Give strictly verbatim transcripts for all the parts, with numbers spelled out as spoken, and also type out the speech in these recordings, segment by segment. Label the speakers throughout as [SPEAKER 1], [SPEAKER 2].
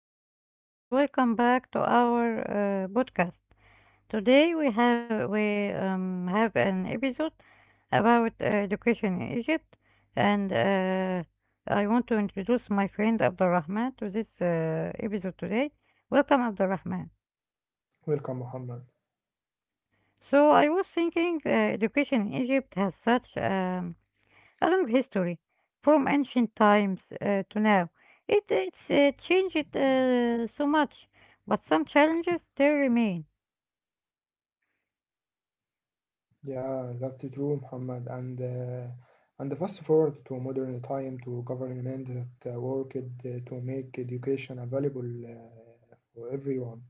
[SPEAKER 1] everyone and welcome back to our uh, podcast. Today we have we um, have an episode about uh, education in Egypt and uh, I want to introduce my friend Abdulrahman to this uh, episode today. Welcome Abdulrahman.
[SPEAKER 2] Welcome, Muhammad.
[SPEAKER 1] So I was thinking uh, education in Egypt has such um, along history from ancient times uh, to now. It it's uh, changed uh, so much, but some challenges they remain.
[SPEAKER 2] Yeah, that's true, Muhammad. And uh, and fast forward to modern time to government that uh, worked uh, to make education available uh, for everyone.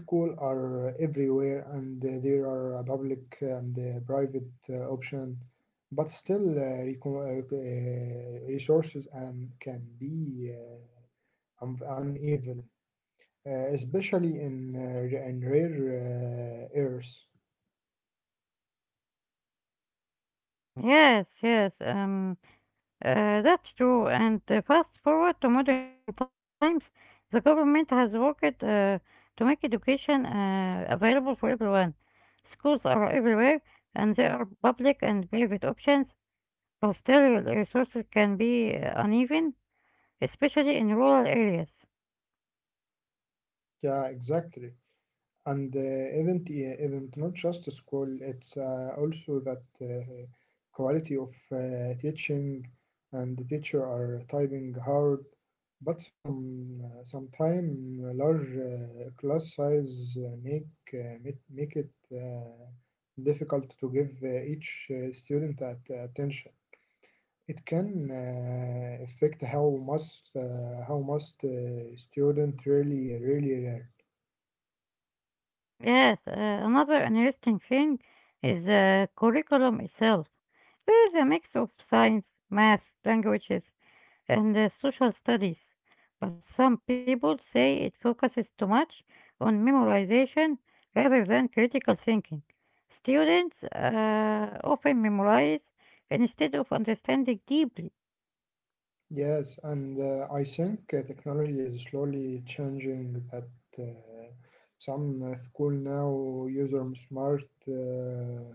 [SPEAKER 2] Schools are everywhere, and uh, there are a public and uh, private uh, option, but still uh, reco- uh, rec- uh, resources and can be uh, un- uneven, uh, especially in uh, in rare uh, areas.
[SPEAKER 1] Yes, yes, um, uh, that's true. And uh, fast forward to modern times, the government has worked uh, to make education uh, available for everyone. Schools are everywhere, and there are public and private options, but still resources can be uh, uneven, especially in rural areas.
[SPEAKER 2] Yeah, exactly. And uh, isn't i- isn't not just school. It's uh, also that uh, quality of uh, teaching and the teacher are typing hard. But some uh, sometime large uh, class size uh, make uh, make, make it uh, difficult to give uh, each uh, student at, uh, attention. It can uh, affect how must uh, how must uh, student really really learn.
[SPEAKER 1] Yes, uh, another interesting thing is the curriculum itself. There is a mix of science, math, languages, and uh, social studies. But some people say it focuses too much on memorization rather than critical thinking. Students uh, often memorize instead of understanding deeply.
[SPEAKER 2] Yes, and uh, I think uh, technology is slowly changing that. Uh, some uh, school now use um, smart uh,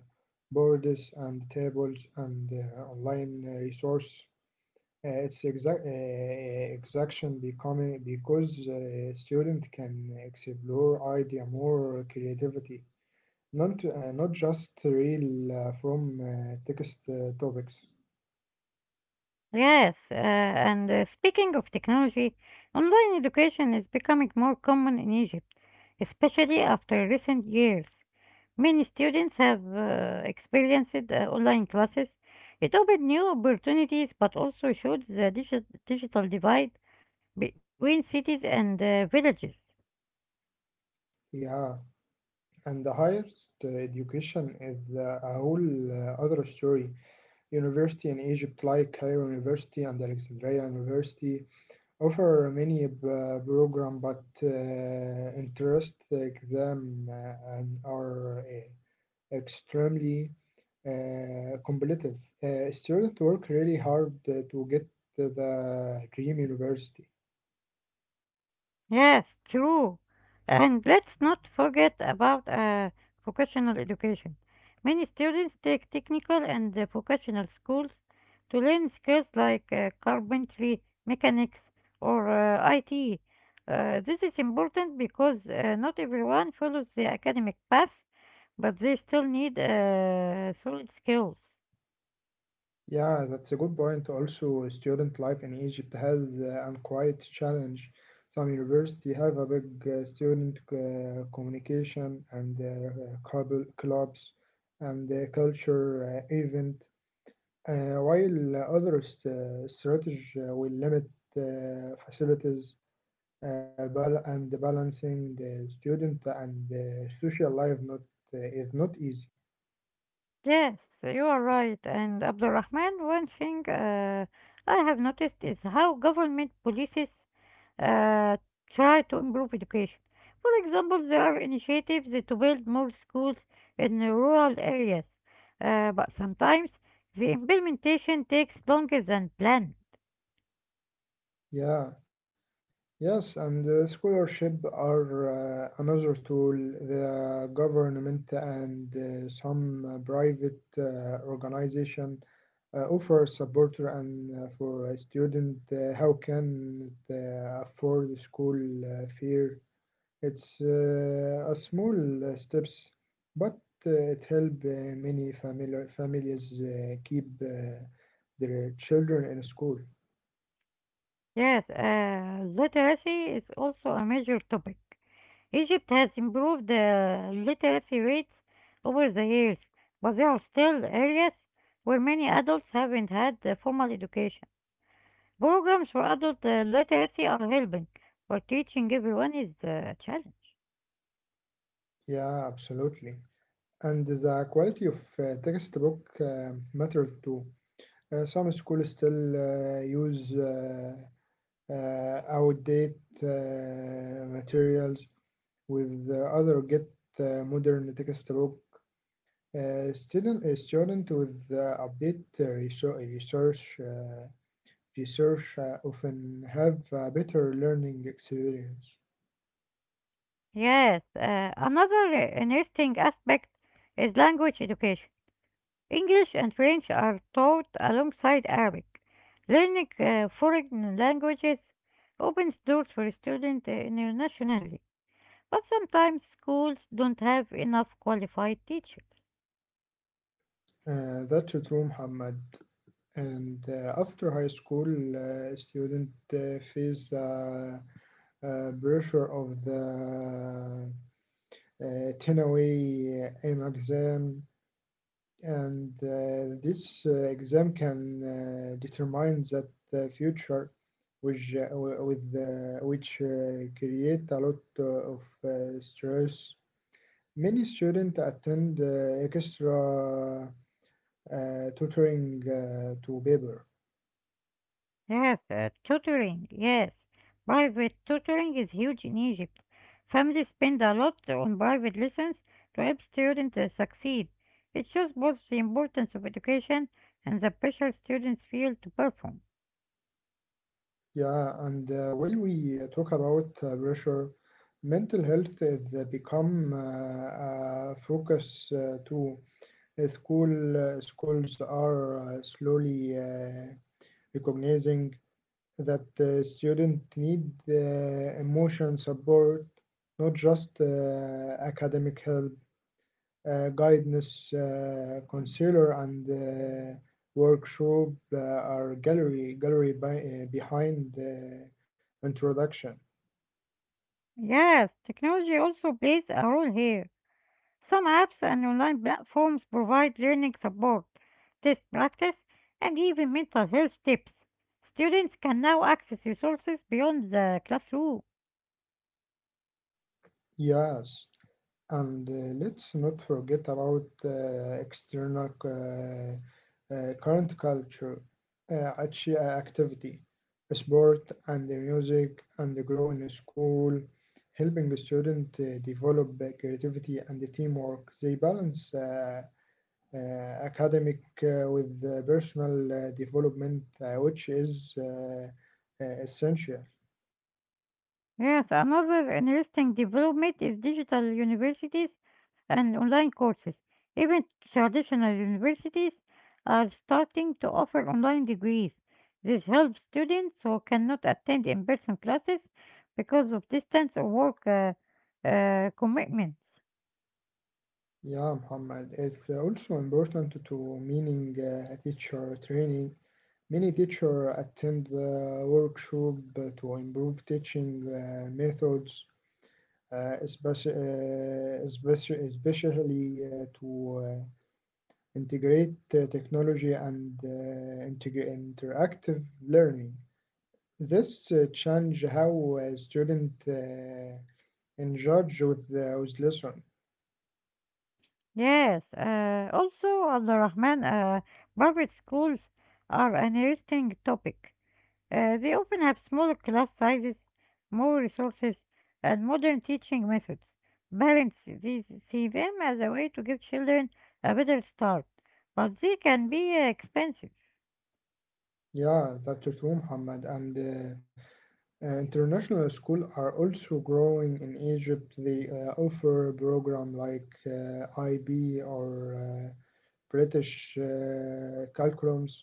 [SPEAKER 2] boards and tables and uh, online uh, resource. Uh, it's exact uh, exaction becoming because uh, student can explore idea more creativity, not uh, not just real uh, from uh, text uh, topics.
[SPEAKER 1] Yes, uh, and uh, speaking of technology, online education is becoming more common in Egypt, especially after recent years. Many students have uh, experienced uh, online classes. It opened new opportunities but also showed the digi- digital divide between cities and uh, villages.
[SPEAKER 2] Yeah. And the highest uh, education is uh, a whole uh, other story. University in Egypt, like Cairo University and Alexandria University, offer many uh, program, but uh, interest exam uh, and are uh, extremely uh, competitive. Uh, students work really hard uh, to get to the dream university.
[SPEAKER 1] Yes, true. And let's not forget about uh, vocational education. Many students take technical and uh, vocational schools to learn skills like uh, carpentry, mechanics, or uh, I T. Uh, this is important because uh, not everyone follows the academic path, but they still need uh, solid skills.
[SPEAKER 2] Yeah, that's a good point. Also, student life in Egypt has uh, an quite challenge. Some university have a big uh, student uh, communication and uh, club- clubs and uh, culture uh, event, uh, while others uh, strategy uh, will limit uh, facilities uh, bal- and balancing the student and uh, social life not uh, is not easy.
[SPEAKER 1] Yes, you are right. And Abdulrahman, one thing uh, I have noticed is how government policies uh, try to improve education. For example, there are initiatives to build more schools in the rural areas, uh, but sometimes the implementation takes longer than planned.
[SPEAKER 2] Yeah. Yes, and uh, scholarship are uh, another tool. The government and uh, some uh, private uh, organization uh, offer support and uh, for a student uh, how can it, uh, afford school uh, fare. It's uh, a small uh, steps, but uh, it help uh, many famili families uh, keep uh, their children in school.
[SPEAKER 1] Yes, uh, literacy is also a major topic. Egypt has improved uh, literacy rates over the years, but there are still areas where many adults haven't had uh, formal education. Programs for adult uh, literacy are helping, but teaching everyone is uh, a challenge.
[SPEAKER 2] Yeah, absolutely. And the quality of uh, textbook uh, matters too. Uh, some schools still uh, use uh, uh, outdated uh, materials, with uh, other get uh, modern textbook. Uh, student, a student with uh, update uh, research, research, uh, research uh, often have a better learning experience.
[SPEAKER 1] Yes, uh, another uh, interesting aspect is language education. English and French are taught alongside Arabic. Learning uh, foreign languages opens doors for students uh, internationally. But sometimes schools don't have enough qualified teachers.
[SPEAKER 2] Uh, that's true, Muhammad. And uh, after high school, uh, student uh, face uh, uh, pressure of the uh, ten-away aim exam, and uh, this uh, exam can uh, determine that the future, which uh, with uh, which uh, create a lot uh, of uh, stress. Many students attend uh, extra uh, tutoring uh, to paper.
[SPEAKER 1] Yes, uh, tutoring, yes. Private tutoring is huge in Egypt. Families spend a lot on private lessons to help students uh, succeed. It shows both the importance of education and the pressure students feel to perform.
[SPEAKER 2] Yeah, and uh, when we uh, talk about uh, pressure, mental health is uh, become uh, a focus uh, too. Uh, School uh, schools are uh, slowly uh, recognizing that uh, students need uh, emotion support, not just uh, academic help uh, guidance uh, counselor and uh, workshop uh, are gallery gallery by, uh, behind the introduction.
[SPEAKER 1] Yes, technology also plays a role here. Some apps and online platforms provide learning support, test practice, and even mental health tips. Students can now access resources beyond the classroom.
[SPEAKER 2] Yes, and uh, let's not forget about uh, external uh, uh, current culture uh, act- uh, activity sport and the music and the grow in school helping the student uh, develop uh, creativity and the teamwork they balance uh, uh, academic uh, with uh, personal uh, development, uh, which is uh, uh, essential.
[SPEAKER 1] Yes, another interesting development is digital universities and online courses. Even traditional universities are starting to offer online degrees. This helps students who cannot attend in person classes because of distance or work uh, uh, commitments.
[SPEAKER 2] Yeah, Muhammad. It's also important to meaning uh, teacher training. Many teacher attend uh, workshop uh, to improve teaching uh, methods, uh, especially, uh, especi- especially uh, to uh, integrate uh, technology and uh, integ- interactive learning. This uh, change how a student uh, engage with, the with lesson.
[SPEAKER 1] Yes, uh, also Abdurrahman, uh, private schools are an interesting topic. Uh, they often have smaller class sizes, more resources, and modern teaching methods. Parents these see them as a way to give children a better start, but they can be uh, expensive.
[SPEAKER 2] Yeah, that's true, Muhammad. And uh, uh, international school are also growing in Egypt. They uh, offer program like uh, I B or uh, British uh, curriculums.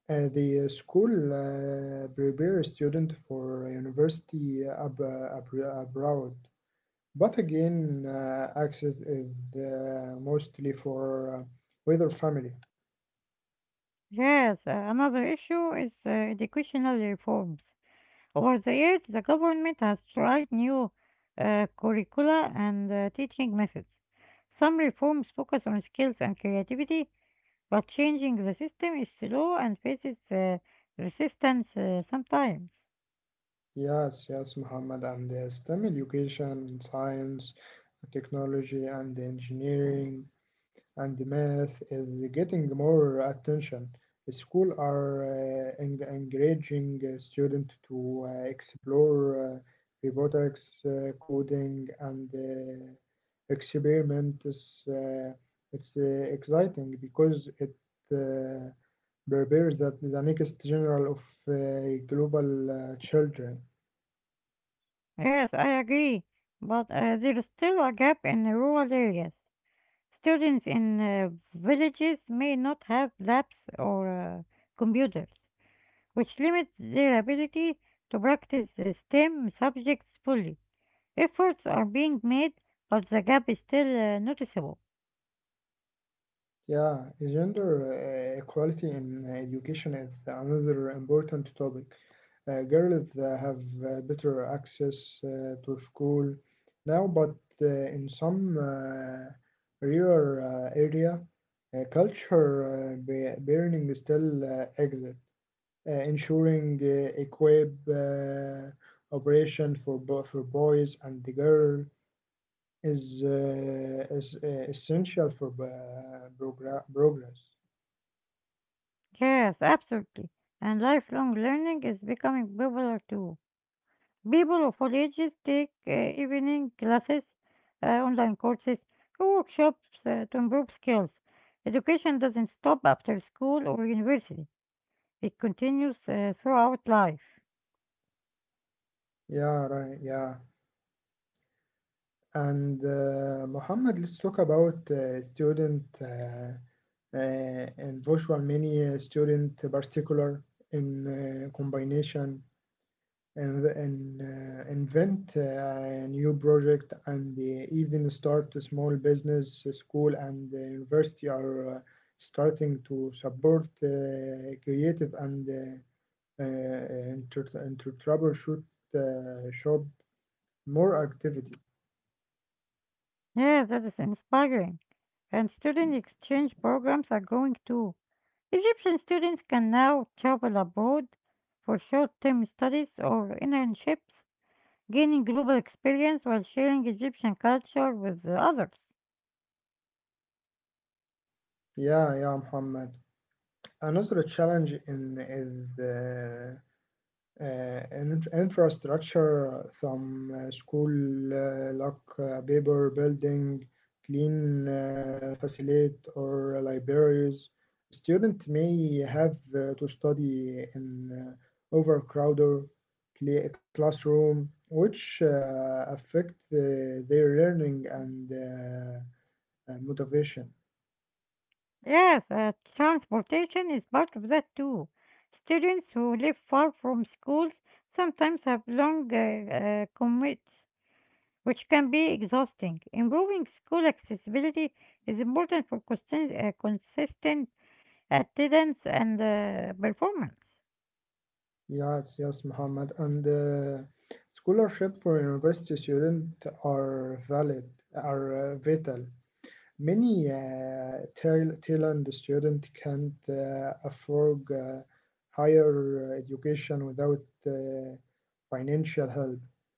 [SPEAKER 2] Uh, the uh, school uh, prepare student for university ab- abroad. But again, uh, access is uh, mostly for uh, wider family.
[SPEAKER 1] Yes, uh, another issue is uh, educational reforms. Over the years, the government has tried new uh, curricula and uh, teaching methods. Some reforms focus on skills and creativity, but changing the system is slow and faces uh, resistance uh, sometimes.
[SPEAKER 2] Yes, yes, Muhammad, and uh, STEM education, science, technology, and engineering and math is getting more attention. The school are uh, en- encouraging uh, student to uh, explore uh, robotics, uh, coding, and uh, experiments. Uh, it's uh, exciting because it uh, prepares that the the next general of uh, global uh, children.
[SPEAKER 1] Yes, I agree, but uh, there is still a gap in the rural areas. Students in uh, villages may not have labs or uh, computers, which limits their ability to practice uh, STEM subjects fully. Efforts are being made, but the gap is still uh, noticeable.
[SPEAKER 2] Yeah, gender uh, equality in uh, education is another important topic. Uh, girls uh, have uh, better access uh, to school now, but uh, in some uh, rural uh, area, uh, culture uh, ba- burning still uh, exists, uh, ensuring uh, equip uh, operation for bo- for boys and the girl is uh, is uh, essential for uh, progra- progress.
[SPEAKER 1] Yes, absolutely. And lifelong learning is becoming popular too. People of all ages take uh, evening classes, uh, online courses, or workshops uh, to improve skills. Education doesn't stop after school or university, it continues uh, throughout life.
[SPEAKER 2] Yeah, right. Yeah, and uh, Muhammad, let's talk about uh, student uh, uh, and virtual mini uh, student particular in uh, combination and and uh, invent uh, a new project and uh, even start a small business. uh, School and the university are uh, starting to support uh, creative and uh, uh, and to and to troubleshoot uh, shop more activity.
[SPEAKER 1] Yeah, that is inspiring. And student exchange programs are growing too. Egyptian students can now travel abroad for short-term studies or internships, gaining global experience while sharing Egyptian culture with the others.
[SPEAKER 2] Yeah, yeah, Muhammad. Another challenge in is uh, uh, inf- infrastructure, some uh, school, uh, like uh, paper building, clean uh, facility, or libraries. Student may have uh, to study in uh, overcrowded cla- classroom, which uh, affect uh, their learning and uh, uh, motivation.
[SPEAKER 1] Yes, uh, transportation is part of that too. Students who live far from schools sometimes have long uh, uh, commutes, which can be exhausting. Improving school accessibility is important for consisten- uh, consistent attendance and uh, performance.
[SPEAKER 2] Yes, yes, Muhammad. And uh, scholarship for university students are valid, are uh, vital. Many uh, Thai- Thailand students can't uh, afford uh, higher uh, education without uh, financial help.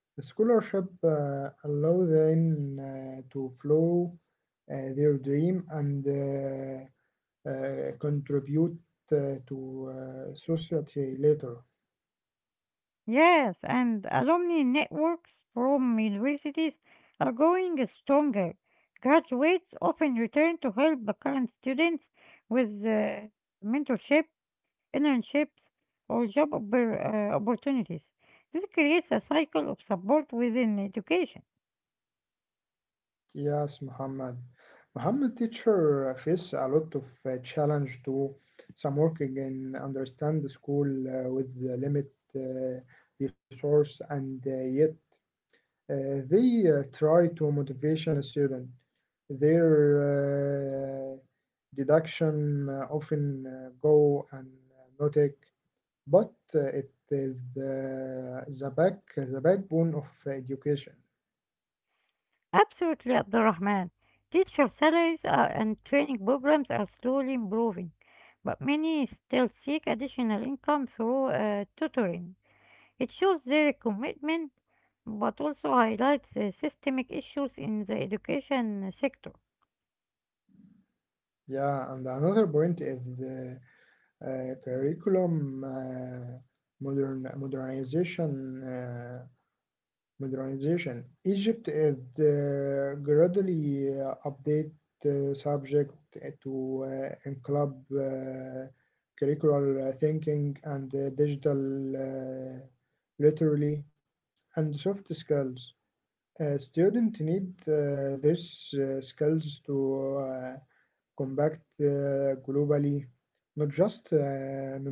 [SPEAKER 2] The scholarship uh, allow them uh, to follow uh, their dream and uh, uh, contribute uh, to uh, society later.
[SPEAKER 1] Yes, and alumni networks from universities are going stronger. Graduates often return to help the current students with uh, mentorship, internships, or job oppor- uh, opportunities. This creates a cycle of support within education.
[SPEAKER 2] Yes, Muhammad. Muhammad teacher uh, face a lot of uh, challenge to some working and understand the school uh, with the limit uh, resource and uh, yet uh, they uh, try to motivation a student. Their uh, deduction uh, often uh, go and uh, not take, but uh, it is uh, the back the backbone of education.
[SPEAKER 1] Absolutely, Abdurrahman. Teacher salaries are, and training programs are slowly improving, but many still seek additional income through uh, tutoring. It shows their commitment but also highlights the systemic issues in the education uh, sector.
[SPEAKER 2] Yeah, and another point is uh, uh, curriculum uh, modern modernization uh, modernization. Egypt is uh, gradually uh, update uh, subject eh, to uh, include uh, curricular uh, thinking and uh, digital uh, literally and soft skills. Uh, students need uh, these uh, skills to uh, combat uh, globally, not just uh,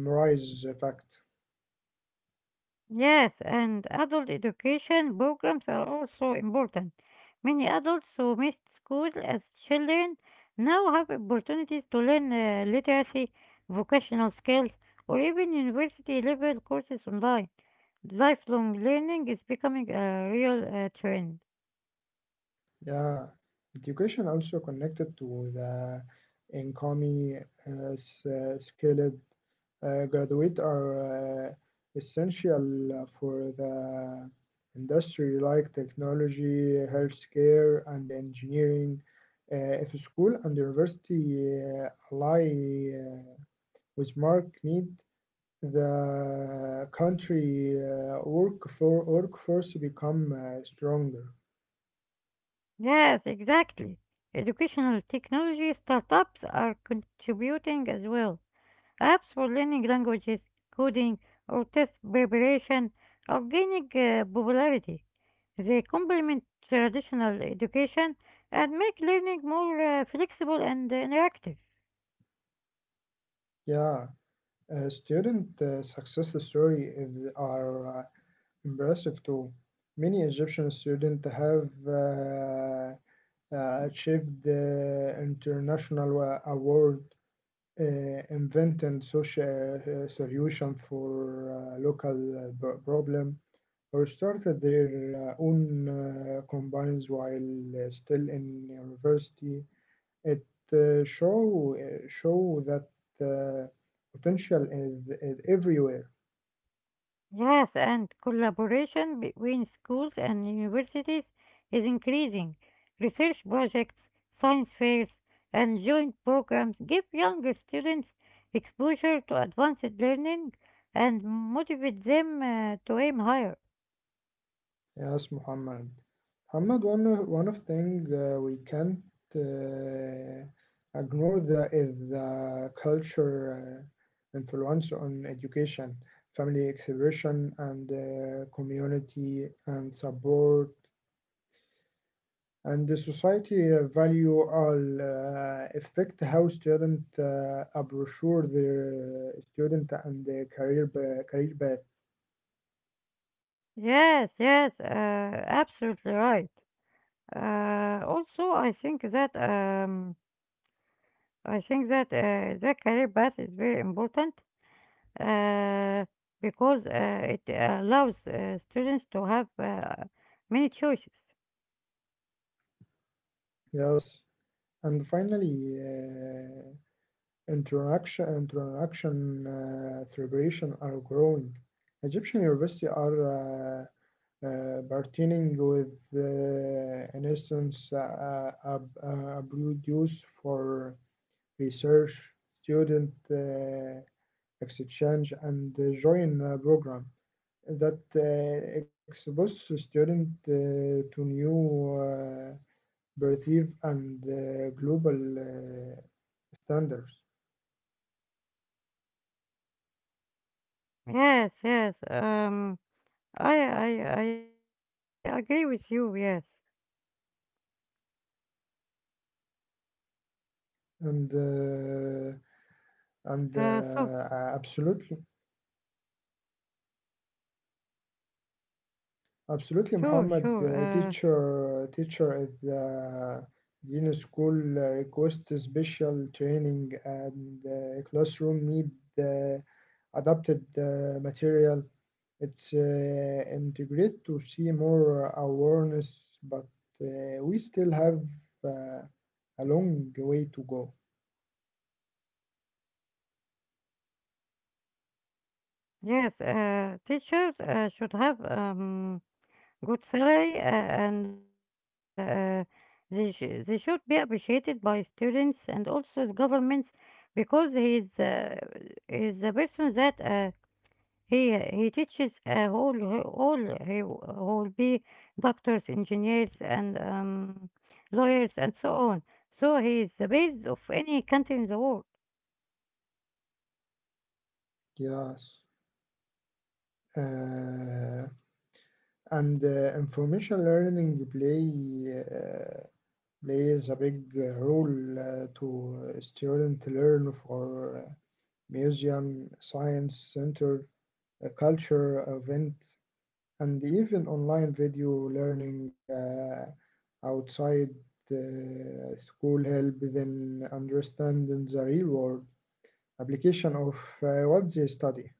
[SPEAKER 2] memorize a fact.
[SPEAKER 1] Yes, and adult education programs are also important. Many adults who missed school as children now have opportunities to learn uh, literacy, vocational skills, or even university level courses online. Lifelong learning is becoming a real uh, trend.
[SPEAKER 2] Yeah, education also connected to the economy, uh, s- uh, scaled. Uh, graduate are uh, essential for the industry like technology, healthcare, and engineering. Uh, if school and university uh, ally uh, with mark need, the country uh, work for workforce become uh, stronger.
[SPEAKER 1] Yes, exactly. Educational technology startups are contributing as well. Apps for learning languages, coding, or test preparation are gaining uh, popularity. They complement traditional education and make learning more uh, flexible and uh, interactive.
[SPEAKER 2] Yeah, uh, student uh, success story is, are uh, impressive too. Many Egyptian students have uh, uh, achieved the international uh, award, uh, inventing social uh, solution for uh, local uh, pro- problem, or started their uh, own uh, companies while uh, still in university. It uh, show uh, show that uh, potential is, is everywhere.
[SPEAKER 1] Yes, and collaboration between schools and universities is increasing. Research projects, science fairs, and joint programs give younger students exposure to advanced learning and motivate them uh, to aim higher.
[SPEAKER 2] Yes, Muhammad. Muhammad, one of, one of thing uh, we can't uh, ignore the is the culture uh, influence on education, family expression, and uh, community and support, and the society uh, value all uh, affect how student uh, approach their uh, student and their career pa- career path.
[SPEAKER 1] Yes, yes, uh, absolutely right. Uh, also, I think that um, I think that uh, the career path is very important. uh, because uh, it uh, allows uh, students to have uh, many choices.
[SPEAKER 2] Yes, and finally. Uh, Interaction interaction uh, celebration are growing. Egyptian universities are uh, uh, partnering with, uh, an instance, uh, a, a, produce for research, student uh, exchange, and uh, join a program that uh, expose student uh, to new uh, perspective and uh, global uh, standards.
[SPEAKER 1] Yes, yes. Um, I, I, I agree with you. Yes.
[SPEAKER 2] And uh, and
[SPEAKER 1] Uh,
[SPEAKER 2] uh,
[SPEAKER 1] so
[SPEAKER 2] uh, absolutely, absolutely, Muhammad. Uh,
[SPEAKER 1] sure, sure.
[SPEAKER 2] teacher,
[SPEAKER 1] Uh,
[SPEAKER 2] teacher at the Dino School uh, request special training and uh, classroom need uh, adapted uh, material. It's uh, integrate to see more awareness, but uh, we still have uh, a long way to go.
[SPEAKER 1] Yes. Uh, teachers uh, should have um good salary uh, and uh, they sh- they should be appreciated by students and also the governments because he is uh, he is a person that uh, He uh, he teaches uh, all he- all he will be doctors, engineers, and um, lawyers, and so on. So he is the base of any country in the world.
[SPEAKER 2] Yes. Uh, And uh, information learning play uh, plays a big uh, role uh, to student learn for uh, museum, science center, uh, culture event, and even online video learning uh, outside uh, school help them understanding the real world application of uh, what they study.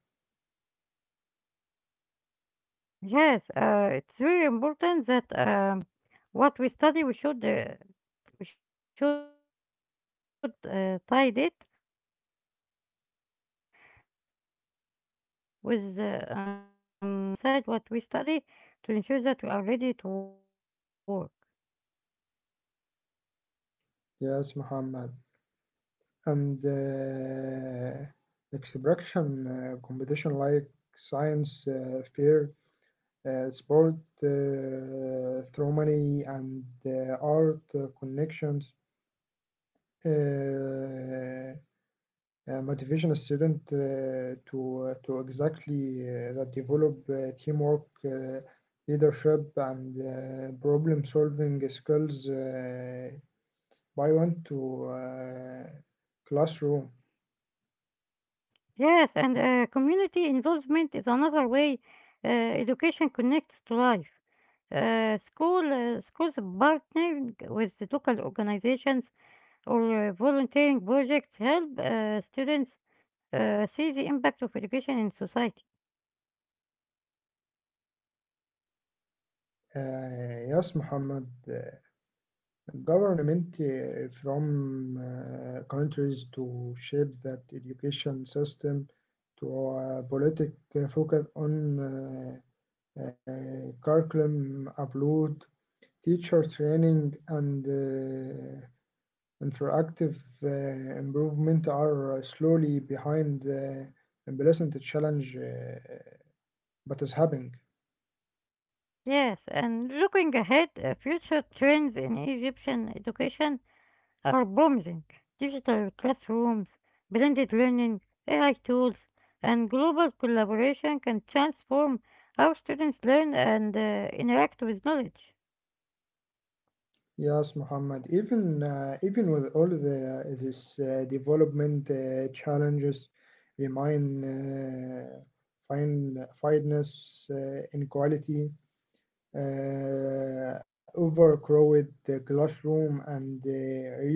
[SPEAKER 1] Yes, uh, it's very important that um, what we study we should uh, we should uh, tie it with uh, um, with our the workforce today, and what are the, the skills we need beside what we study to ensure that we are ready to work.
[SPEAKER 2] Yes, Muhammad. And uh, expression uh, competition like science uh, fair, uh, sport, uh, harmony, and uh, art uh, connections. Uh, uh, Motivation a student uh, to uh, to exactly uh, that develop uh, teamwork, uh, leadership, and uh, problem solving skills. Uh, by one to uh, classroom.
[SPEAKER 1] Yes, and uh, community involvement is another way uh, education connects to life. Uh, school, uh, schools partnering with the local organizations or uh, volunteering projects help uh, students uh, see the impact of education in society.
[SPEAKER 2] Uh, yes, Muhammad. Uh, government uh, from uh, countries to shape that education system to a politic uh, focus on uh, uh, curriculum upload, teacher training, and uh, interactive uh, improvement are slowly behind the emblazoned challenge, uh, but is happening.
[SPEAKER 1] Yes, and looking ahead, uh, future trends in Egyptian education are promising. Digital classrooms, blended learning, A I tools, and global collaboration can transform how students learn and uh, interact with knowledge.
[SPEAKER 2] Yes, Muhammad. Even uh, even with all the this uh, development uh, challenges, remain uh, find fineness, uh, inequality, uh, overcrowded the classroom, and the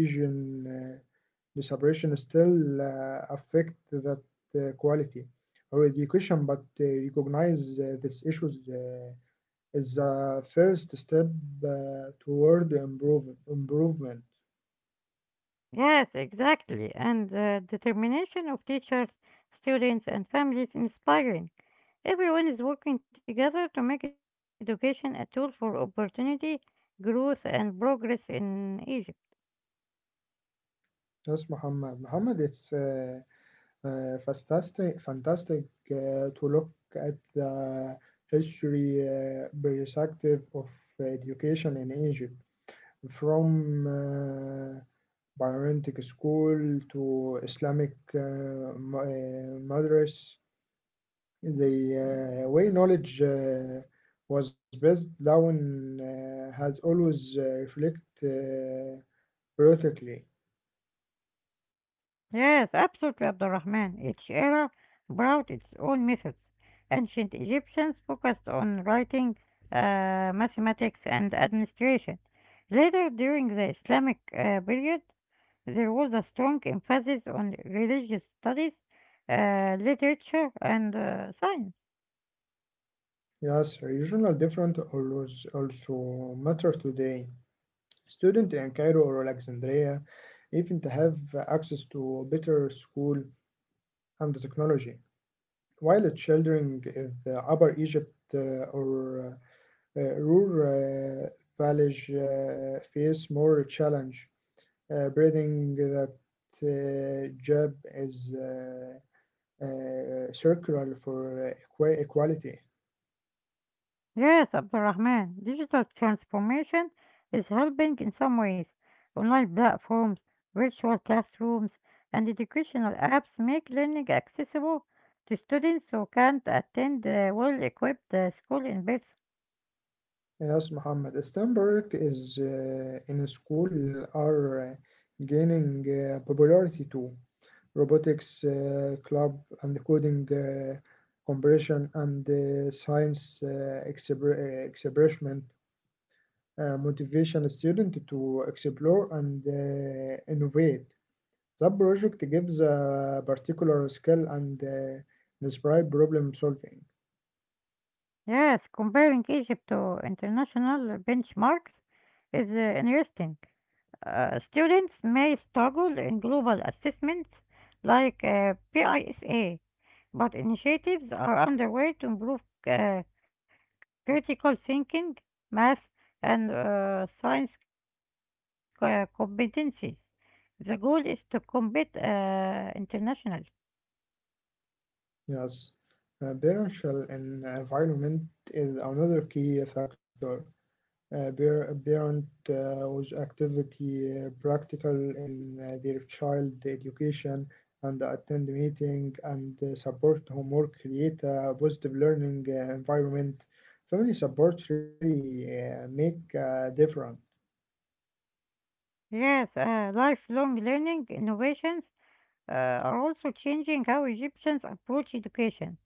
[SPEAKER 2] region uh, separation still uh, affect that uh, quality or education. But uh, recognize uh, these issues Uh, is a first step uh, toward improve, improvement.
[SPEAKER 1] Yes, exactly. And the determination of teachers, students, and families inspiring. Everyone is working together to make education a tool for opportunity, growth, and progress in Egypt.
[SPEAKER 2] Yes, Muhammad. Muhammad, it's uh, uh, fantastic, fantastic uh, to look at the history uh, perspective of education in Egypt, from uh, Byronic school to Islamic uh, ma- uh, madrasa. The uh, way knowledge uh, was passed down uh, has always uh, reflected uh, perfectly.
[SPEAKER 1] Yes, absolutely, Abdurrahman. Each era brought its own methods. Ancient Egyptians focused on writing, uh, mathematics, and administration. Later, during the Islamic uh, period, there was a strong emphasis on religious studies, uh, literature, and uh, science.
[SPEAKER 2] Yes, regional difference always also matter today. Student in Cairo or Alexandria even to have access to better school and the technology, while the children in the Upper Egypt uh, or uh, rural uh, village uh, face more challenge uh, breathing that uh, job is uh, uh, circular for uh, equality.
[SPEAKER 1] Yes, Abdurrahman, digital transformation is helping in some ways. Online platforms, virtual classrooms, and educational apps make learning accessible to students who can't attend a well-equipped uh, school in person.
[SPEAKER 2] Yes, Muhammad. STEM project is uh, in school are uh, gaining uh, popularity too. Robotics uh, club and coding uh, compression and uh, science uh, exper- uh, experiment uh, motivation a student to explore and uh, innovate. That project gives a particular skill and uh, describe problem solving.
[SPEAKER 1] Yes, comparing Egypt to international benchmarks is uh, interesting. Uh, students may struggle in global assessments like uh, PISA, but initiatives are underway to improve uh, critical thinking, math, and uh, science co- competencies. The goal is to compete uh, internationally.
[SPEAKER 2] Yes, uh, parental en- environment is another key factor. Uh, par- parent uh, with activity uh, practical in uh, their child education and attend meeting and uh, support homework, create a positive learning uh, environment. Family support really uh, make a difference.
[SPEAKER 1] Yes, uh, lifelong learning innovations uh, are also changing how Egyptians approach education.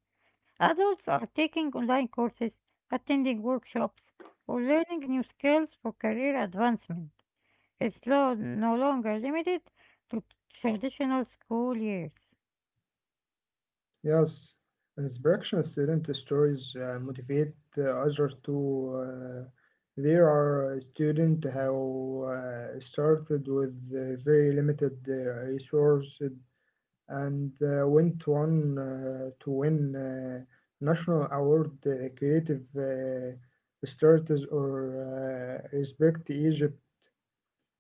[SPEAKER 1] Adults are taking online courses, attending workshops, or learning new skills for career advancement. It's lo- no longer limited to traditional school years.
[SPEAKER 2] Yes, inspiration student stories uh, motivate uh, others to. Uh, there are a student who uh, started with uh, very limited uh, resources and uh, went on uh, to win uh, national award uh, creative uh, starters or uh, respect Egypt.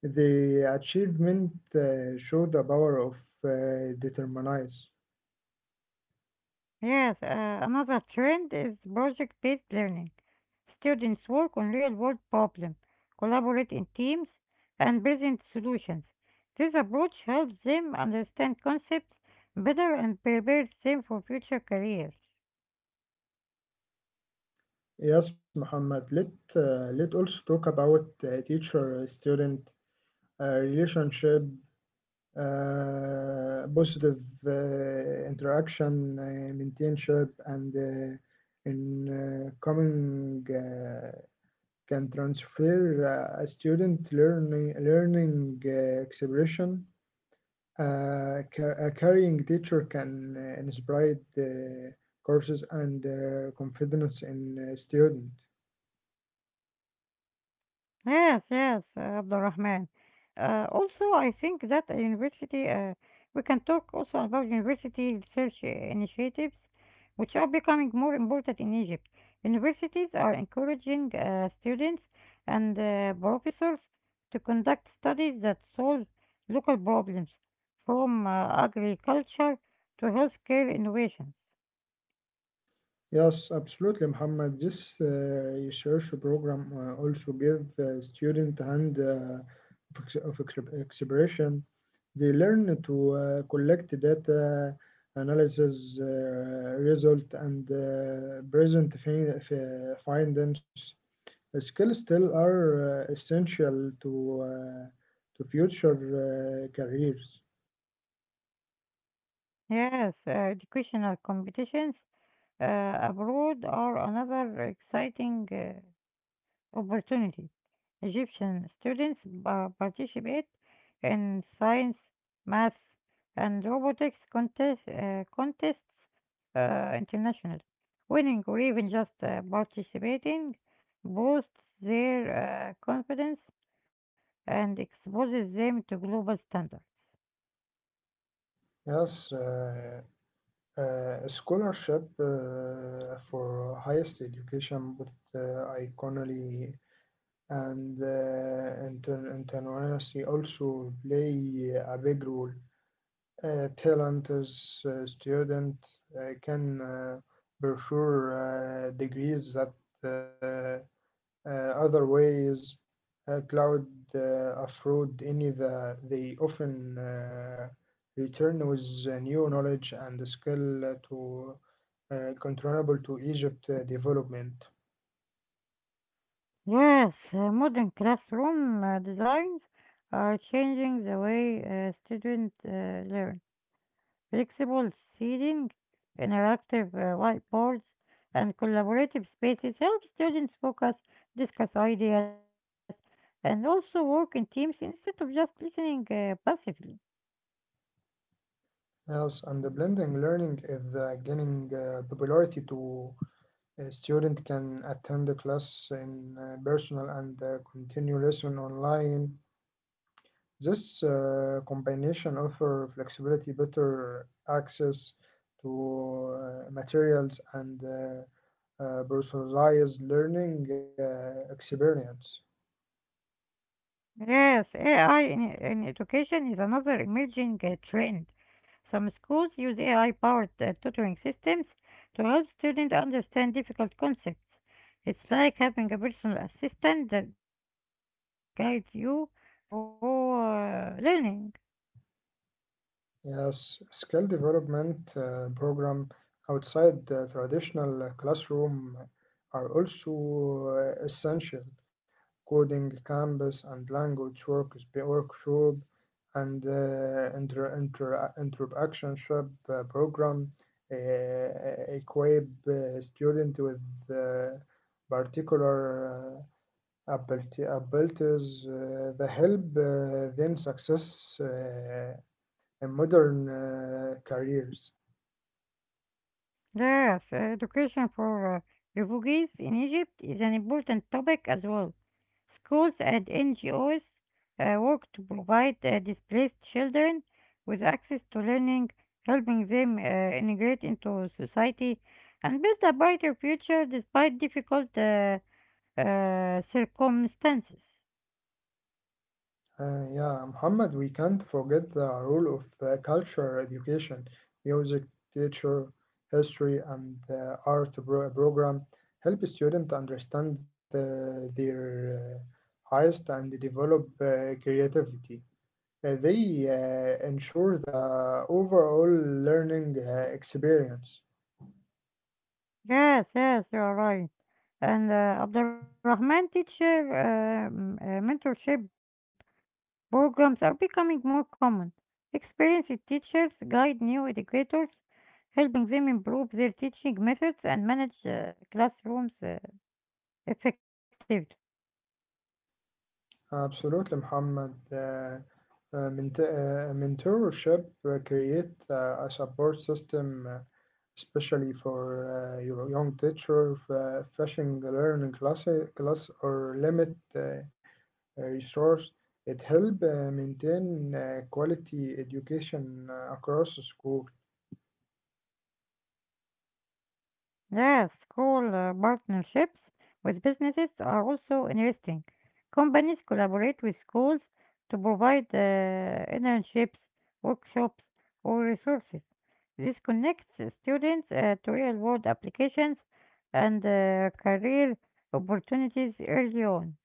[SPEAKER 2] The achievement uh, show the power of uh, determinism.
[SPEAKER 1] Yes, uh, another trend is project based learning. Students work on real world problems, collaborate in teams, and present solutions. This approach helps them understand concepts better and prepares them for future careers.
[SPEAKER 2] Yes, Muhammad. Let uh, let also talk about uh, teacher uh, student uh, relationship, uh, positive uh, interaction, uh, mentorship, and uh, in uh, coming uh, can transfer uh, a student learning learning uh, expression. Uh, ca- a carrying teacher can uh, inspire uh, courses and uh, confidence in uh, student.
[SPEAKER 1] Yes, yes, uh, Abdulrahman. Uh, also, I think that a university, uh, we can talk also about university research uh, initiatives, which are becoming more important in Egypt. Universities are encouraging uh, students and uh, professors to conduct studies that solve local problems, from uh, agriculture to healthcare innovations.
[SPEAKER 2] Yes, absolutely, Muhammad. This uh, research program uh, also give uh, student hand uh, of ex- of ex- expression. They learn to uh, collect data, analysis uh, result, and uh, present fin- f- findings. Skills still are uh, essential to uh, to future uh, careers.
[SPEAKER 1] Yes, uh, educational competitions uh, abroad are another exciting uh, opportunity. Egyptian students pa- participate in science, math, and robotics contest, uh, contests uh, internationally. Winning or even just uh, participating boosts their uh, confidence and exposes them to global standards.
[SPEAKER 2] Yes, uh, Uh, scholarship uh, for highest education with uh, economy and uh, inter- internationality also play a big role. Uh, talented uh, student uh, can uh, pursue uh, degrees that uh, uh, other ways uh, cloud uh, afford any the they often uh, return with uh, new knowledge and skill to uh, controllable to Egypt uh, development.
[SPEAKER 1] Yes, uh, modern classroom uh, designs are changing the way uh, students uh, learn. Flexible seating, interactive uh, whiteboards, and collaborative spaces help students focus, discuss ideas, and also work in teams instead of just listening uh, passively.
[SPEAKER 2] Yes, and the blending learning is uh, gaining uh, popularity to a student can attend the class in uh, personal and uh, continue lesson online. This uh, combination offer flexibility, better access to uh, materials and uh, uh, personalized learning uh, experience.
[SPEAKER 1] Yes, A I in, in education is another emerging uh, trend. Some schools use A I-powered uh, tutoring systems to help students understand difficult concepts. It's like having a personal assistant that guides you through uh, learning.
[SPEAKER 2] Yes, skill development uh, program outside the traditional uh, classroom are also uh, essential. Coding campus and language work, workshop and uh, inter, inter, interactionship uh, program uh, equip uh, student with uh, particular uh, ability, abilities uh, that help uh, them success. Uh, in modern uh, careers.
[SPEAKER 1] Yes, education for uh, refugees in Egypt is an important topic as well. Schools and N G Os uh, work to provide uh, displaced children with access to learning, helping them uh, integrate into society and build a brighter future despite difficult uh, uh, circumstances.
[SPEAKER 2] Uh, yeah, Muhammad, we can't forget the role of uh, cultural education, music, teacher, history, and uh, art pro- program help students understand uh, their uh, highest and develop uh, creativity. Uh, they uh, ensure the overall learning uh, experience.
[SPEAKER 1] Yes, yes, you are right. And uh, Abdulrahman teacher, uh, uh, mentorship programs are becoming more common. Experienced teachers guide new educators, helping them improve their teaching methods and manage uh, classrooms uh, effectively.
[SPEAKER 2] Absolutely, Muhammad. Uh, uh, ment- uh, mentorship uh, create uh, a support system uh, especially for uh, your young teacher f- uh, fashion learning class, class or limit uh, uh, resource. It help uh, maintain uh, quality education uh, across the school.
[SPEAKER 1] Yes, school uh, partnerships with businesses are also interesting. Companies collaborate with schools to provide uh, internships, workshops, or resources. This connects students uh, to real world applications and uh, career opportunities early on.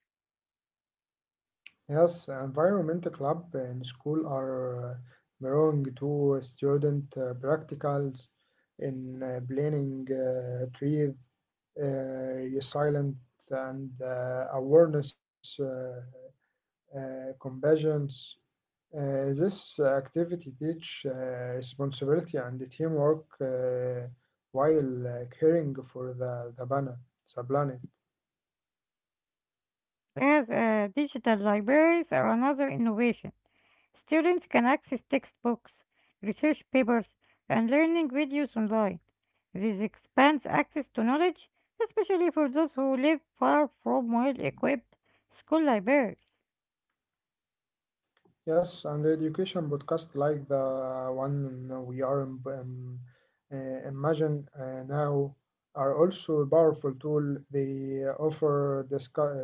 [SPEAKER 2] Yes, environmental club in school are uh, belong to student uh, practicals in uh, planning uh, tree uh, resilient and uh, awareness. Uh, uh, compassions. Uh, this activity teach uh, responsibility and teamwork uh, while uh, caring for the, the planet, the planet.
[SPEAKER 1] As uh, Digital libraries are another innovation. Students can access textbooks, research papers, and learning videos online. This expands access to knowledge, especially for those who live far from well equipped school libraries.
[SPEAKER 2] Yes, and education podcast like the one we are im- um, uh, imagine uh, now are also a powerful tool. They offer discu-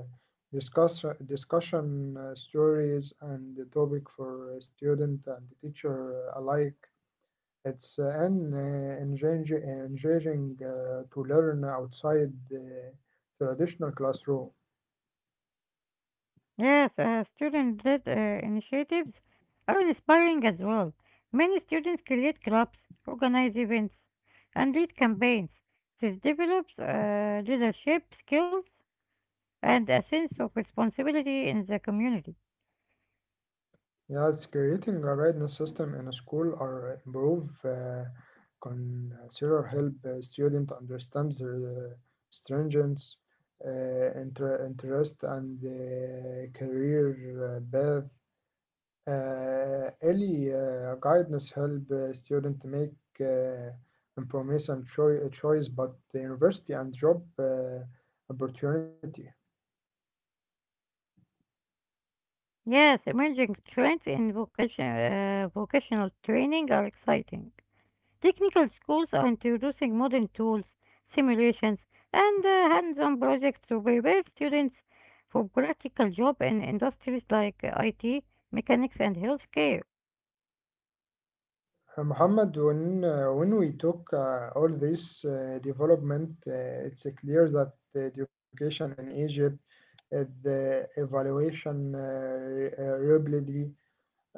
[SPEAKER 2] uh, discuss discussion uh, stories and the topic for student and teacher alike. It's uh, an uh, engaging, engaging uh, to learn outside the traditional classroom.
[SPEAKER 1] Yes, uh, student led uh, initiatives are inspiring as well. Many students create clubs, organize events, and lead campaigns. This develops uh, leadership skills and a sense of responsibility in the community.
[SPEAKER 2] Yes, creating a guidance system in a school or improve uh, consider help uh, student understand their uh, stringent uh, inter- interest and uh, career uh, path. Uh, Ellie uh, guidance help uh, student make uh, information choi- choice but the university and job uh, opportunity.
[SPEAKER 1] Yes, emerging trends in vocation, uh, vocational training are exciting. Technical schools are introducing modern tools, simulations, and uh, hands on projects to prepare students for practical jobs in industries like uh, I T, mechanics, and healthcare.
[SPEAKER 2] Uh, Muhammad, when, uh, when we talk uh, all this uh, development, uh, it's uh, clear that the education in Egypt, uh, the evaluation uh, re- uh, rapidly,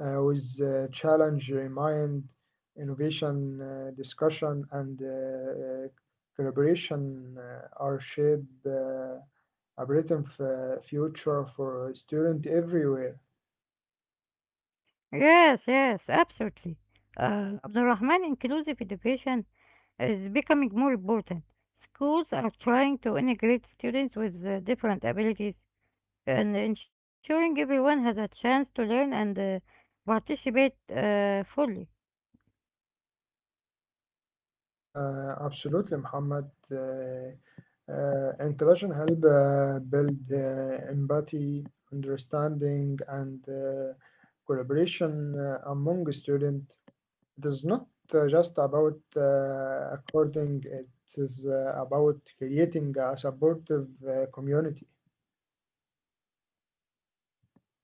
[SPEAKER 2] uh, with uh, challenge, remind, innovation, uh, discussion, and uh, uh, collaboration uh, are shape uh, a written f- uh, future for students everywhere.
[SPEAKER 1] Yes, yes, absolutely. Uh, Abdul Rahman, inclusive education is becoming more important. Schools are trying to integrate students with uh, different abilities and ensuring everyone has a chance to learn and uh, participate uh, fully.
[SPEAKER 2] Uh, absolutely, Muhammad. Uh, uh, intelligent help uh, build uh, empathy, understanding, and uh, collaboration uh, among students. It is not uh, just about uh, according, it is uh, about creating a supportive uh, community.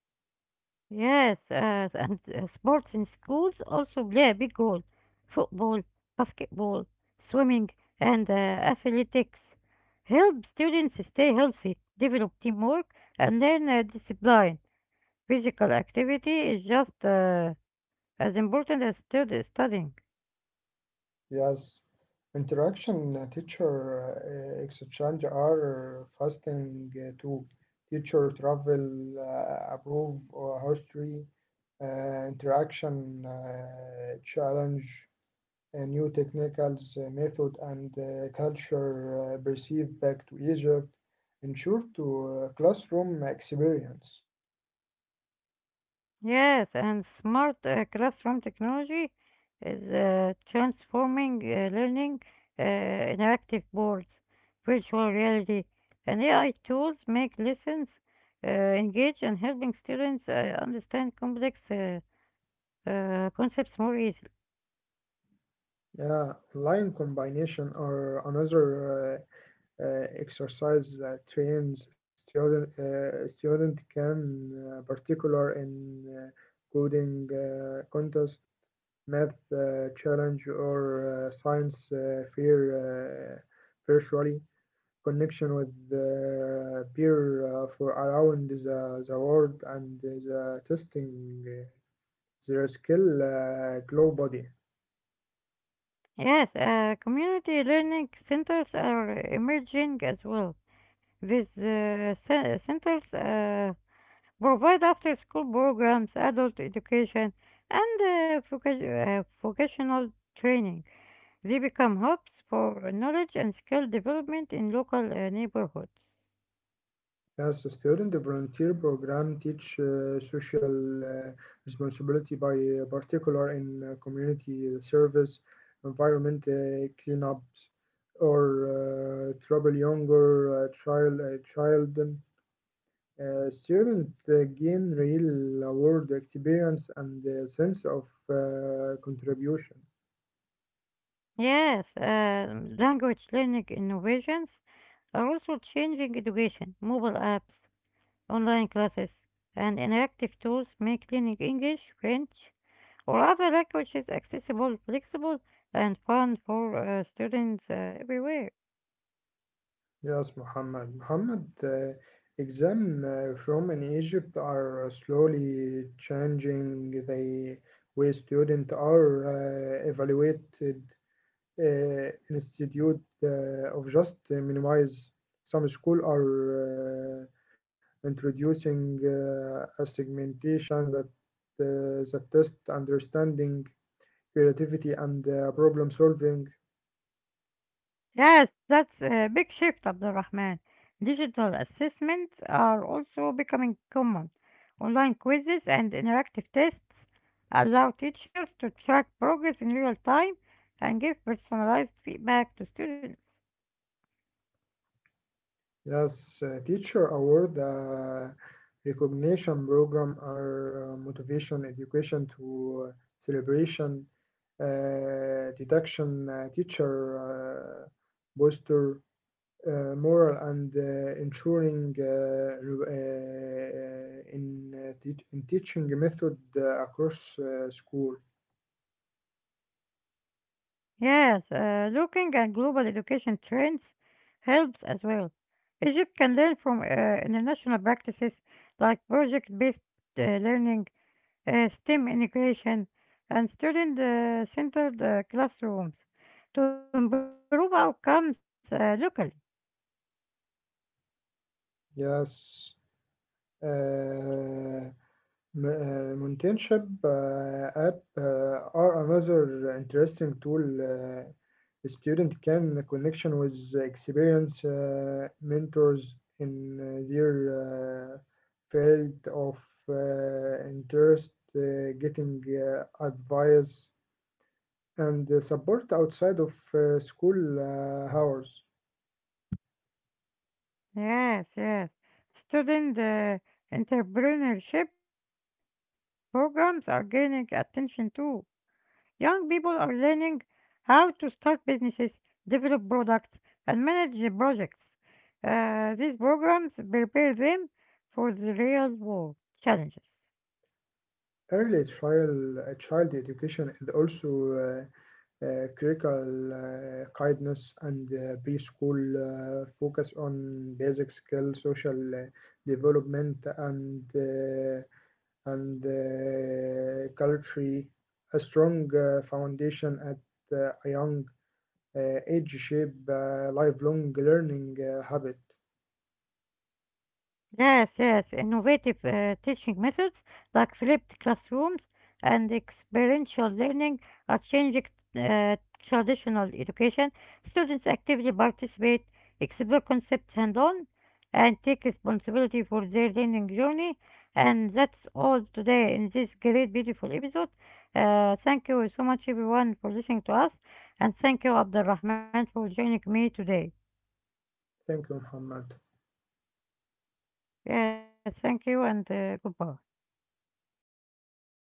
[SPEAKER 1] Yes, uh, and uh, sports in schools also play a big role. Football, basketball, swimming, and uh, athletics help students stay healthy, develop teamwork, and learn uh, discipline. Physical activity is just uh, as important as stud- studying.
[SPEAKER 2] Yes, interaction uh, teacher uh, exchange are fasting uh, too. Teacher travel, uh, approve or history, uh, interaction, uh, challenge. Uh, new technicals, uh, method, and uh, culture uh, perceived back to Egypt, ensure to uh, classroom experience.
[SPEAKER 1] Yes, and smart uh, classroom technology is uh, transforming uh, learning. Uh, interactive boards, virtual reality, and A I tools make lessons uh, engage and helping students uh, understand complex uh, uh, concepts more easily.
[SPEAKER 2] Yeah, online combination or another uh, uh, exercise that trains student uh, student can uh, particular in uh, coding uh, contest, math uh, challenge, or uh, science uh, fair uh, virtually. Connection with the peer uh, for around the, the world and the testing uh, their skill uh, globally.
[SPEAKER 1] Yes, uh, community learning centers are emerging as well. These uh, ce- centers uh, provide after school programs, adult education, and uh, voca- uh, vocational training. They become hubs for knowledge and skill development in local uh, neighborhoods.
[SPEAKER 2] As a student, the volunteer program teach uh, social uh, responsibility by uh, particular in uh, community service, environment uh, cleanups, or uh, trouble younger uh, child uh, child. Uh, students uh, gain real world experience and a sense of uh, contribution.
[SPEAKER 1] Yes, um, language learning innovations are also changing education. Mobile apps, online classes, and interactive tools make learning English, French, or other languages accessible, flexible, and fun for uh, students uh, everywhere.
[SPEAKER 2] Yes, Muhammad. Muhammad, uh, Exam uh, from in Egypt are uh, slowly changing the way students are uh, evaluated. Uh, institute uh, of just minimize some school are uh, introducing uh, a segmentation that uh, that test understanding creativity and uh, problem solving.
[SPEAKER 1] Yes, that's a big shift, Abdulrahman. Digital assessments are also becoming common. Online quizzes and interactive tests allow teachers to track progress in real time and give personalized feedback to students.
[SPEAKER 2] Yes, uh, teacher award uh, recognition program are uh, motivation, education to uh, celebration, uh, deduction, uh, teacher uh, booster, uh, moral and uh, ensuring uh, re- uh, in, uh, teach- in teaching method uh, across uh, school.
[SPEAKER 1] Yes, uh, looking at global education trends helps as well. Egypt can learn from uh, international practices like project based learning, uh, STEM integration, and student uh, centered uh, classrooms to improve outcomes uh, locally.
[SPEAKER 2] Yes. Uh, M- uh, Montenship uh, app uh, are another interesting tool. Uh, the student can connection with experience uh, mentors in uh, their uh, field of uh, interest, uh, getting uh, advice and uh, support outside of uh, school uh, hours.
[SPEAKER 1] Yes, yes. Student uh, entrepreneurship programs are gaining attention too. Young people are learning how to start businesses, develop products, and manage the projects. Uh, these programs prepare them for the real world challenges.
[SPEAKER 2] Early child, child education and also uh, critical uh, kindness and uh, preschool uh, focus on basic skills, social uh, development, and uh, and uh, culture. A strong uh, foundation at uh, a young uh, age shape uh, lifelong learning uh, habit.
[SPEAKER 1] Yes, yes, innovative uh, teaching methods like flipped classrooms and experiential learning are changing uh, traditional education. Students actively participate, explore concepts hand on, and take responsibility for their learning journey. And that's all today in this great, beautiful episode. Uh, thank you so much, everyone, for listening to us, and thank you, Abdul Rahman, for joining me today.
[SPEAKER 2] Thank you, Muhammad.
[SPEAKER 1] Yes, thank you, and uh, goodbye.
[SPEAKER 2] Goodbye.